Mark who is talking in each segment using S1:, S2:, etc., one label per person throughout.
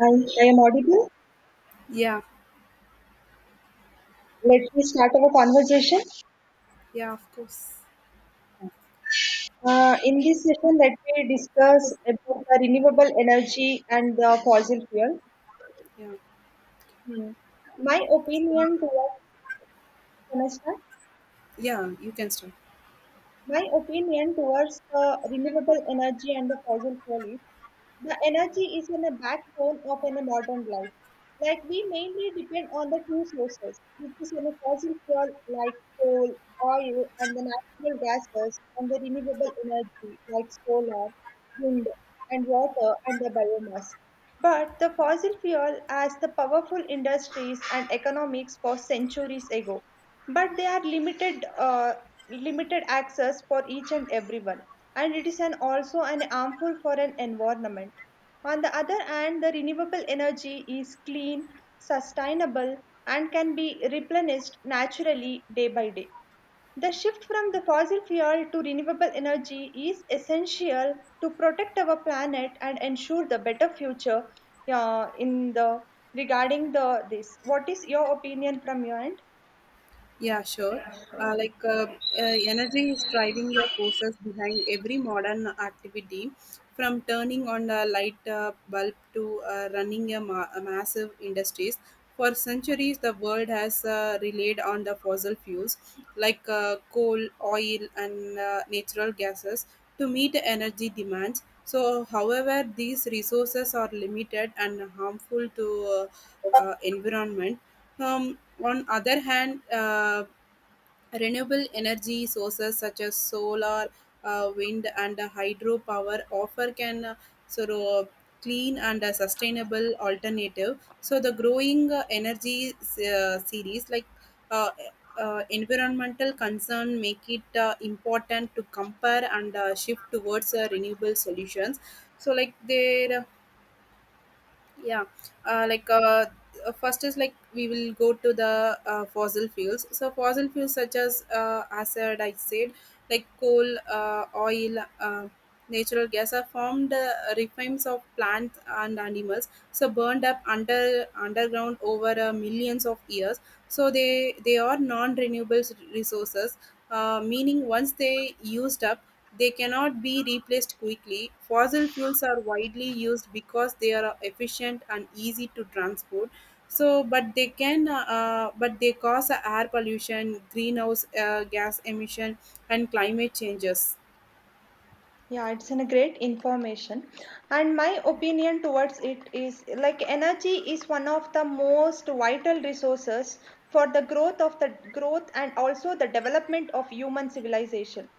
S1: I I am audible.
S2: Yeah,
S1: Let me start our conversation.
S2: yeah, of course.
S1: In this session, let me discuss about the renewable energy and the fossil fuel.
S2: Yeah,
S1: Hmm. My
S2: so,
S1: opinion towards. Can I start?
S2: yeah, you can start.
S1: My opinion towards the renewable energy and the fossil fuel is the energy is in the backbone of a modern life. Like we mainly depend on the two sources, which is in a fossil fuel like coal, oil, and the natural gases, and the renewable energy like solar, wind, and water, and the biomass. But the fossil fuel as the powerful industries and economics for centuries ago. But they are limited, access for each and everyone, and it is an also an harmful for an environment. On the other hand, the renewable energy is clean, sustainable, and can be replenished naturally day by day. The shift from the fossil fuel to renewable energy is essential to protect our planet and ensure the better future, in the regarding the this. What is your opinion from your end?
S2: Yeah, sure. Uh, like uh, Energy is driving the forces behind every modern activity, from turning on a light bulb to running a massive industries. For centuries, the world has relied on the fossil fuels like coal, oil, and natural gases to meet energy demands. So, however, these resources are limited and harmful to environment. Um, on other hand, renewable energy sources such as solar, wind, and hydropower offer can sort of uh, clean and sustainable alternative. So the growing energy series like uh, environmental concern make it important to compare and shift towards renewable solutions. So like there, yeah, uh, like uh, first is like we will go to the fossil fuels. So fossil fuels such as acid, I said, like coal, oil, natural gas are formed refines of plants and animals. So burned up underground over millions of years. So they are non-renewable resources. Meaning once they used up, they cannot be replaced quickly. Fossil fuels are widely used because they are efficient and easy to transport. So, but they can, but they cause air pollution, greenhouse gas emission, and climate changes.
S1: Yeah, it's in a great information, and my opinion towards it is like energy is one of the most vital resources for the growth of the growth and also the development of human civilization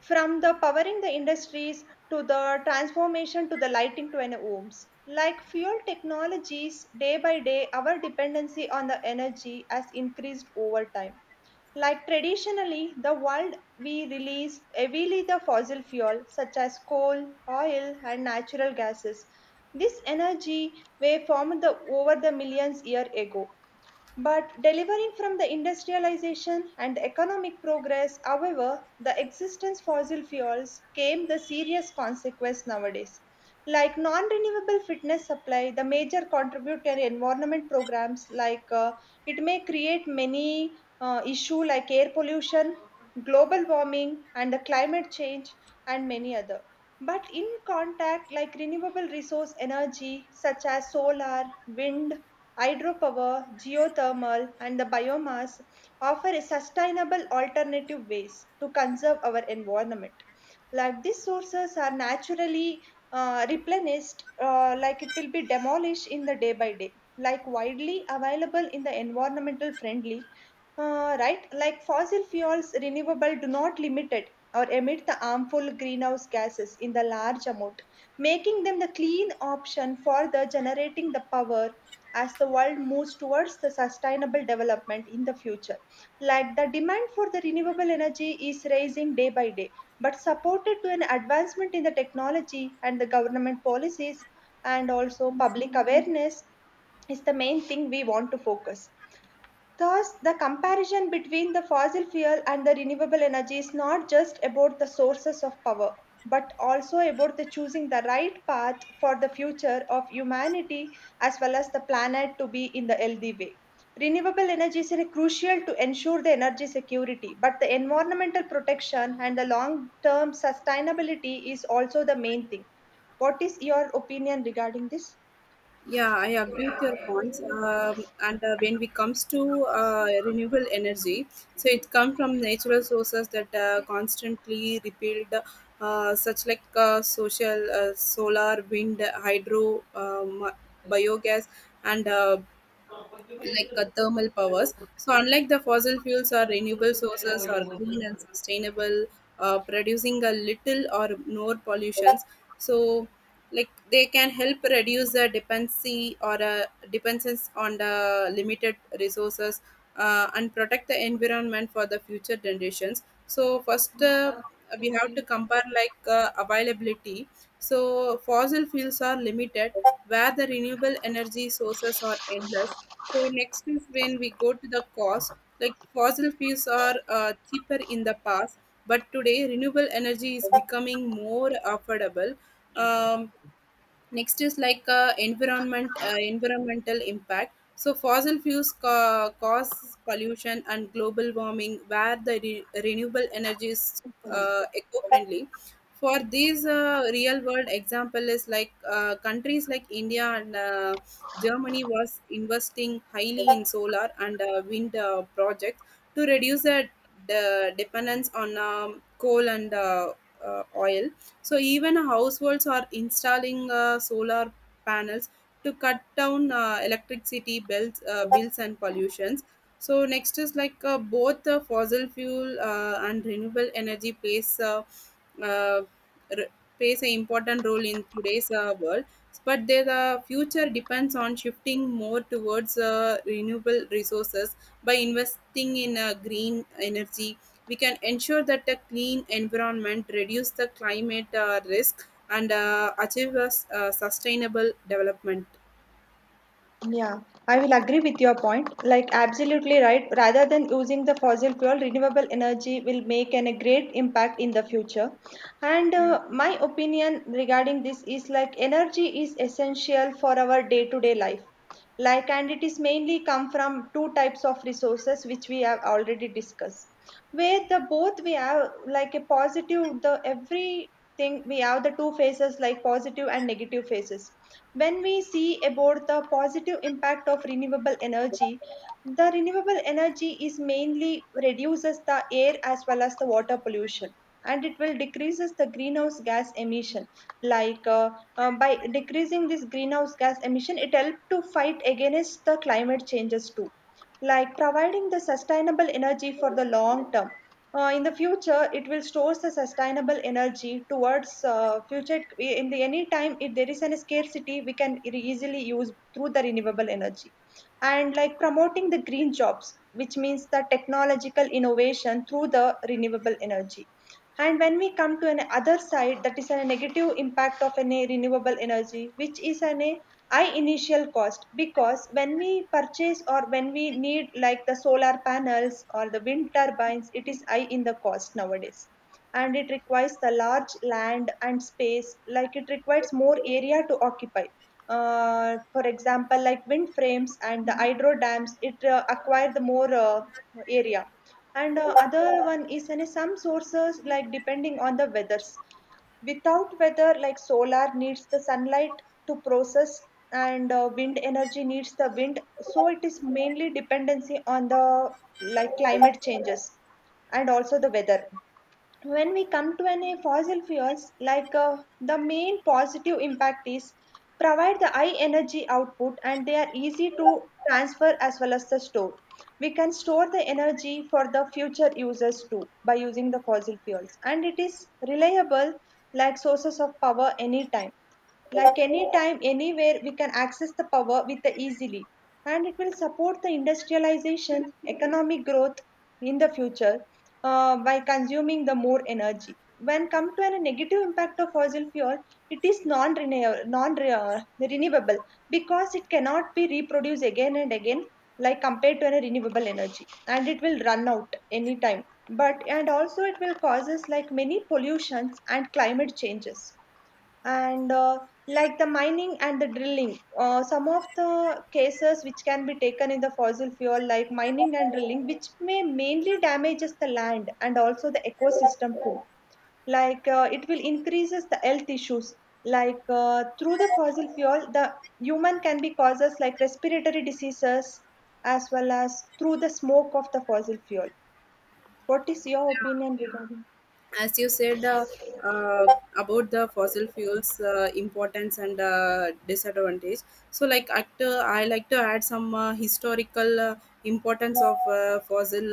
S1: from the powering the industries to the transformation to the lighting to an homes like fuel technologies day by day our dependency on the energy has increased over time. Like traditionally, the world we release heavily the fossil fuel such as coal, oil, and natural gases. This energy wave formed the, over the millions year ago. But delivering from the industrialization and economic progress, however, the existence fossil fuels came the serious consequence nowadays. Like non-renewable fitness supply, the major contributor environment programs like it may create many issue like air pollution, global warming, and the climate change, and many other. But in contact, like renewable resource energy such as solar, wind, hydropower, geothermal, and the biomass offer sustainable alternative ways to conserve our environment. Like these sources are naturally replenished, like it will be demolished in the day by day. Like widely available in the environmental friendly, right? Like fossil fuels, renewable do not limited or emit the harmful greenhouse gases in the large amount, making them the clean option for the generating the power as the world moves towards the sustainable development in the future. Like the demand for the renewable energy is rising day by day, but supported to an advancement in the technology and the government policies and also public awareness is the main thing we want to focus. Thus, the comparison between the fossil fuel and the renewable energy is not just about the sources of power, but also about the choosing the right path for the future of humanity as well as the planet to be in the healthy way. Renewable energies are crucial to ensure the energy security, but the environmental protection and the long term sustainability is also the main thing. What is your opinion regarding this?
S2: Yeah, I agree with your points. And When it comes to renewable energy, so it comes from natural sources that constantly rebuild, such like solar, wind, hydro, biogas, and thermal powers. So, unlike the fossil fuels or renewable sources are clean and sustainable, producing a little or no pollutions. So, like they can help reduce the dependency or dependence on the limited resources, and protect the environment for the future generations. So, first we have to compare like availability. So, fossil fuels are limited, where the renewable energy sources are endless. So next is when we go to the cost, like fossil fuels are cheaper in the past, but today renewable energy is becoming more affordable. Um, Next is like environmental impact. So fossil fuels cause pollution and global warming, where the renewable energy is eco-friendly. For these real-world example is like countries like India and Germany was investing highly in solar and wind projects to reduce the dependence on coal and oil. So even households are installing solar panels to cut down electricity bills and pollutions. So next is like both fossil fuel and renewable energy uh, r- plays an important role in today's world. But their the future depends on shifting more towards renewable resources by investing in green energy. We can ensure that a clean environment, reduce the climate risk, and achieve a sustainable development.
S1: Yeah, I will agree with your point. Like, absolutely right. Rather than using the fossil fuel, renewable energy will make an, a great impact in the future. And my opinion regarding this is like energy is essential for our day to day life. Like and it is mainly come from two types of resources which we have already discussed. Where the both we have like a positive, the everything we have the two phases like positive and negative phases. When we see about the positive impact of renewable energy, the renewable energy is mainly reduces the air as well as the water pollution, and it will decreases the greenhouse gas emission like by decreasing this greenhouse gas emission it help to fight against the climate changes too, like providing the sustainable energy for the long term in the future it will store the sustainable energy towards future in the any time, if there is any scarcity we can easily use through the renewable energy, and like promoting the green jobs which means the technological innovation through the renewable energy. And when we come to an other side, that is a negative impact of an a renewable energy, which is an a high initial cost because when we purchase or when we need like the solar panels or the wind turbines, it is high in the cost nowadays. And it requires the large land and space, like it requires more area to occupy. For example, like wind frames and the hydro dams, it acquire the more area, and other one is in some sources like depending on the weathers, without weather like solar needs the sunlight to process, and wind energy needs the wind, so it is mainly dependency on the like climate changes and also the weather. When we come to an, a fossil fuels, like the main positive impact is provide the high energy output and they are easy to transfer as well as the store. We can store the energy for the future users too by using the fossil fuels, and it is reliable like sources of power anytime, like anytime anywhere we can access the power with the easily, and it will support the industrialization economic growth in the future, by consuming the more energy. When come to a negative impact of fossil fuel, it is non renewable because it cannot be reproduced again and again, like compared to a renewable energy, and it will run out anytime. But and also it will causes like many pollutions and climate changes, and like the mining and the drilling, some of the cases which can be taken in the fossil fuel like mining and drilling which may mainly damages the land and also the ecosystem too. Like it will increases the health issues, like through the fossil fuel the human can be causes like respiratory diseases as well as through the smoke of the fossil fuel. What is your opinion regarding?
S2: As you said, uh, about the fossil fuels importance and disadvantage, so I like to add some historical importance of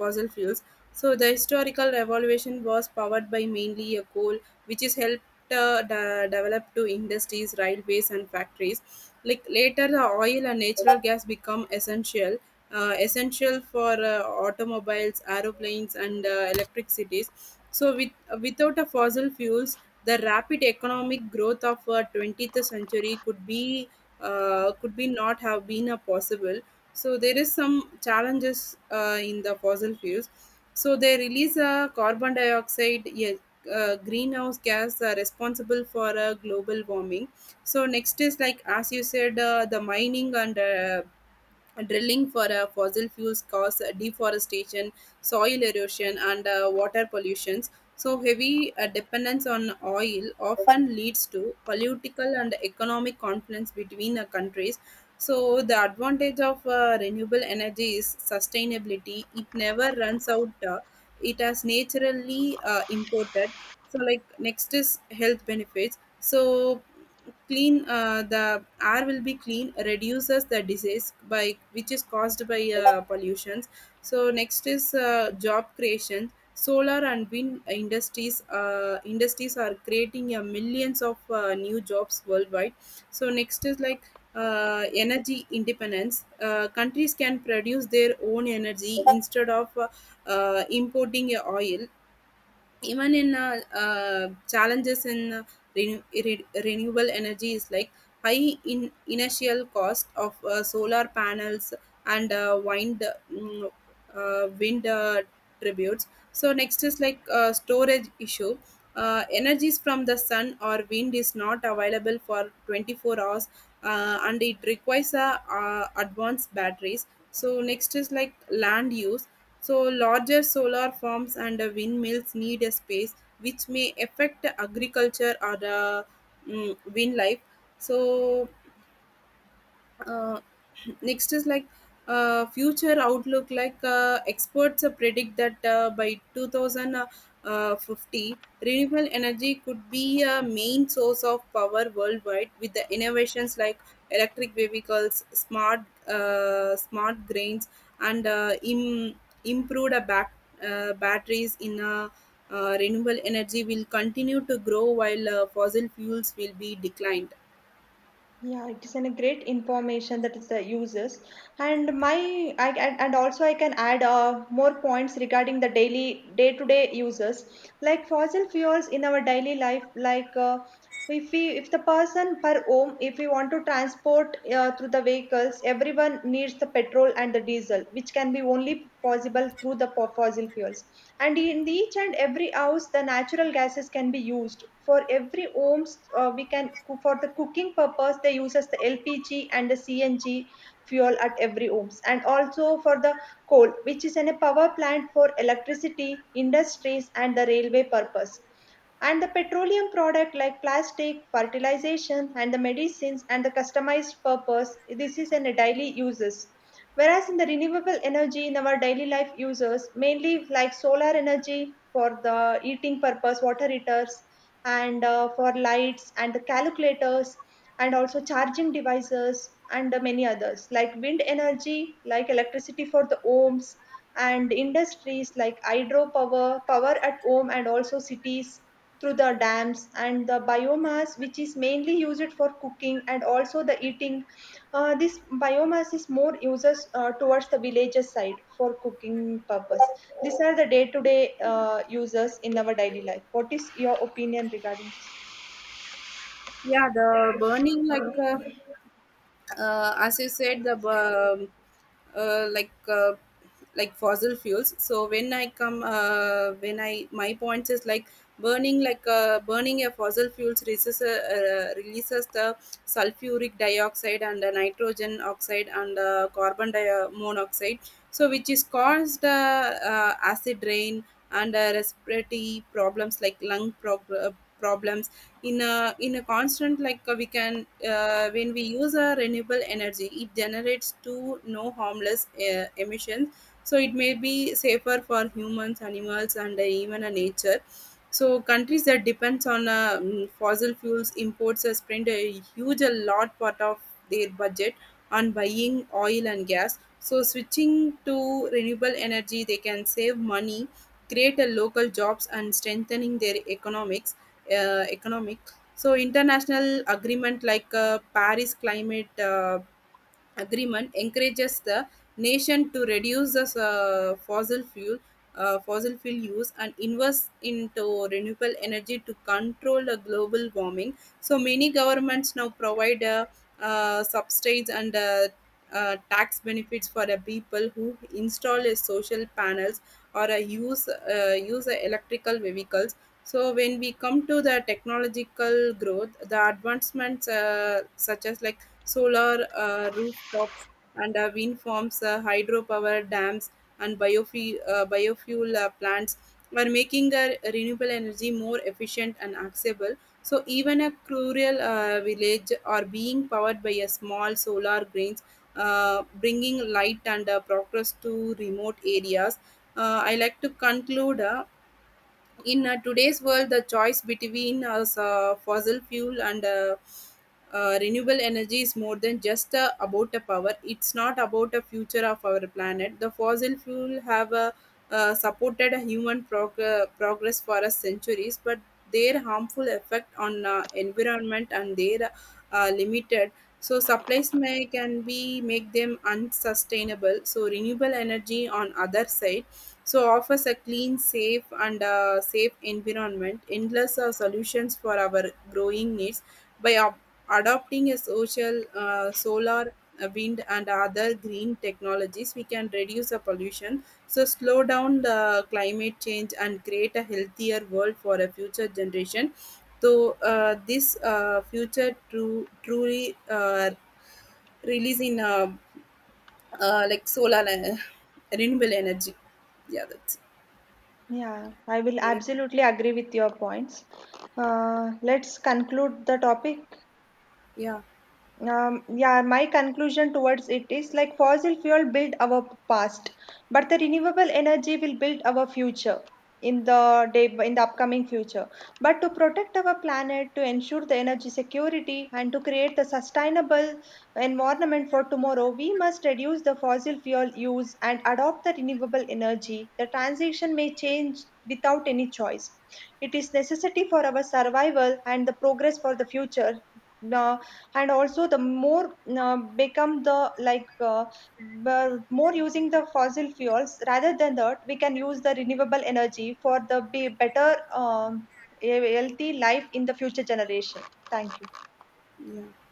S2: fossil fuels. So the historical revolution was powered by mainly a coal, which is helped develop to industries, railways, and factories. Like later the oil and natural gas become essential, essential for automobiles, aeroplanes, and electric cities. So, without a fossil fuels, the rapid economic growth of 20th century could be, could be not have been a possible. So, there is some challenges in the fossil fuels. So, they release carbon dioxide, yes, greenhouse gas responsible for global warming. So next is, like as you said, the mining and drilling for fossil fuels cause deforestation, soil erosion, and water pollutions. So, heavy dependence on oil often leads to political and economic conflicts between countries. So, the advantage of renewable energy is sustainability. It never runs out. It has naturally imported. So, like next is health benefits. So, clean the air will be clean, reduces the disease by which is caused by pollutions. So next is job creation. Solar and wind industries are creating millions of new jobs worldwide. So next is like energy independence. Countries can produce their own energy instead of importing oil. Even in challenges in renewable energy is like high in initial cost of solar panels and mm, wind tributes. So next is like storage issue. Energies from the sun or wind is not available for 24 hours, and it requires advanced batteries. So next is like land use. So, larger solar farms and windmills need a space which may affect agriculture or the wildlife. So, uh, Next is like future outlook. Like experts predict that by 2050 renewable energy could be a main source of power worldwide, with the innovations like electric vehicles, smart grains, and improved batteries in renewable energy will continue to grow while fossil fuels will be declined.
S1: Yeah, it is an, a great information, that is the uses, and and also I can add more points regarding the daily day-to-day uses like fossil fuels in our daily life. Like if we if the person per home if we want to transport through the vehicles, everyone needs the petrol and the diesel, which can be only possible through the fossil fuels. And in each and every house, the natural gases can be used. For every homes, we can for the cooking purpose, they uses the LPG and the CNG fuel at every homes, and also for the coal, which is in a power plant for electricity, industries, and the railway purpose, and the petroleum product like plastic fertilization and the medicines and the customized purpose, this is in a daily uses. Whereas in the renewable energy in our daily life uses mainly like solar energy for the eating purpose, water heaters, and for lights and the calculators and also charging devices, and many others like wind energy like electricity for the homes and industries, like hydropower power at home and also cities through the dams, and the biomass which is mainly used for cooking and also the eating. Uh, this biomass is more uses towards the villages side for cooking purpose. These are the day to day uses in our daily life. What is your opinion regarding this?
S2: Yeah, the burning like as you said the uh, like uh, like fossil fuels. So when I my point is like burning a fossil fuels releases the sulfuric dioxide and the nitrogen oxide and monoxide, so which is caused acid rain and respiratory problems like lung problems. In a constant, like we can, when we use a renewable energy it generates two no harmless emissions. So it may be safer for humans, animals, and even a nature. So countries that depends on fossil fuels imports spend a huge a lot part of their budget on buying oil and gas. So switching to renewable energy they can save money, create a local jobs, and strengthening their economic. So international agreement like paris climate agreement encourages the nation to reduce the fossil fuel use and invest into renewable energy to control the global warming. So many governments now provide subsidies and tax benefits for the people who install a social panels or use electrical vehicles. So when we come to the technological growth, the advancements such as like solar rooftops and wind farms, hydropower dams, and biofuel plants are making renewable energy more efficient and accessible. So even a rural village are being powered by a small solar grains, bringing light and progress to remote areas. I like to conclude, in today's world the choice between fossil fuel and renewable energy is more than just about the power. It's not about the future of our planet. The fossil fuel have supported human progress for a centuries, but their harmful effect on environment and their limited so supplies may can be make them unsustainable. So renewable energy on other side so offers a clean, safe, and safe environment endless solutions for our growing needs. By adopting a social solar, wind, and other green technologies, we can reduce the pollution, so slow down the climate change and create a healthier world for a future generation. So this future truly releasing like solar, renewable energy. Yeah, that's it.
S1: Yeah, I will absolutely agree with your points. Let's conclude the topic.
S2: Yeah,
S1: Yeah, my conclusion towards it is like fossil fuel build our past, but the renewable energy will build our future in the day in the upcoming future. But to protect our planet, to ensure the energy security, and to create the sustainable environment for tomorrow, we must reduce the fossil fuel use and adopt the renewable energy. The transition may change without any choice. It is necessity for our survival and the progress for the future, uh, and also the more become the like more using the fossil fuels rather than that we can use the renewable energy for the be better, a healthy life in the future generation. Thank you.
S2: yeah.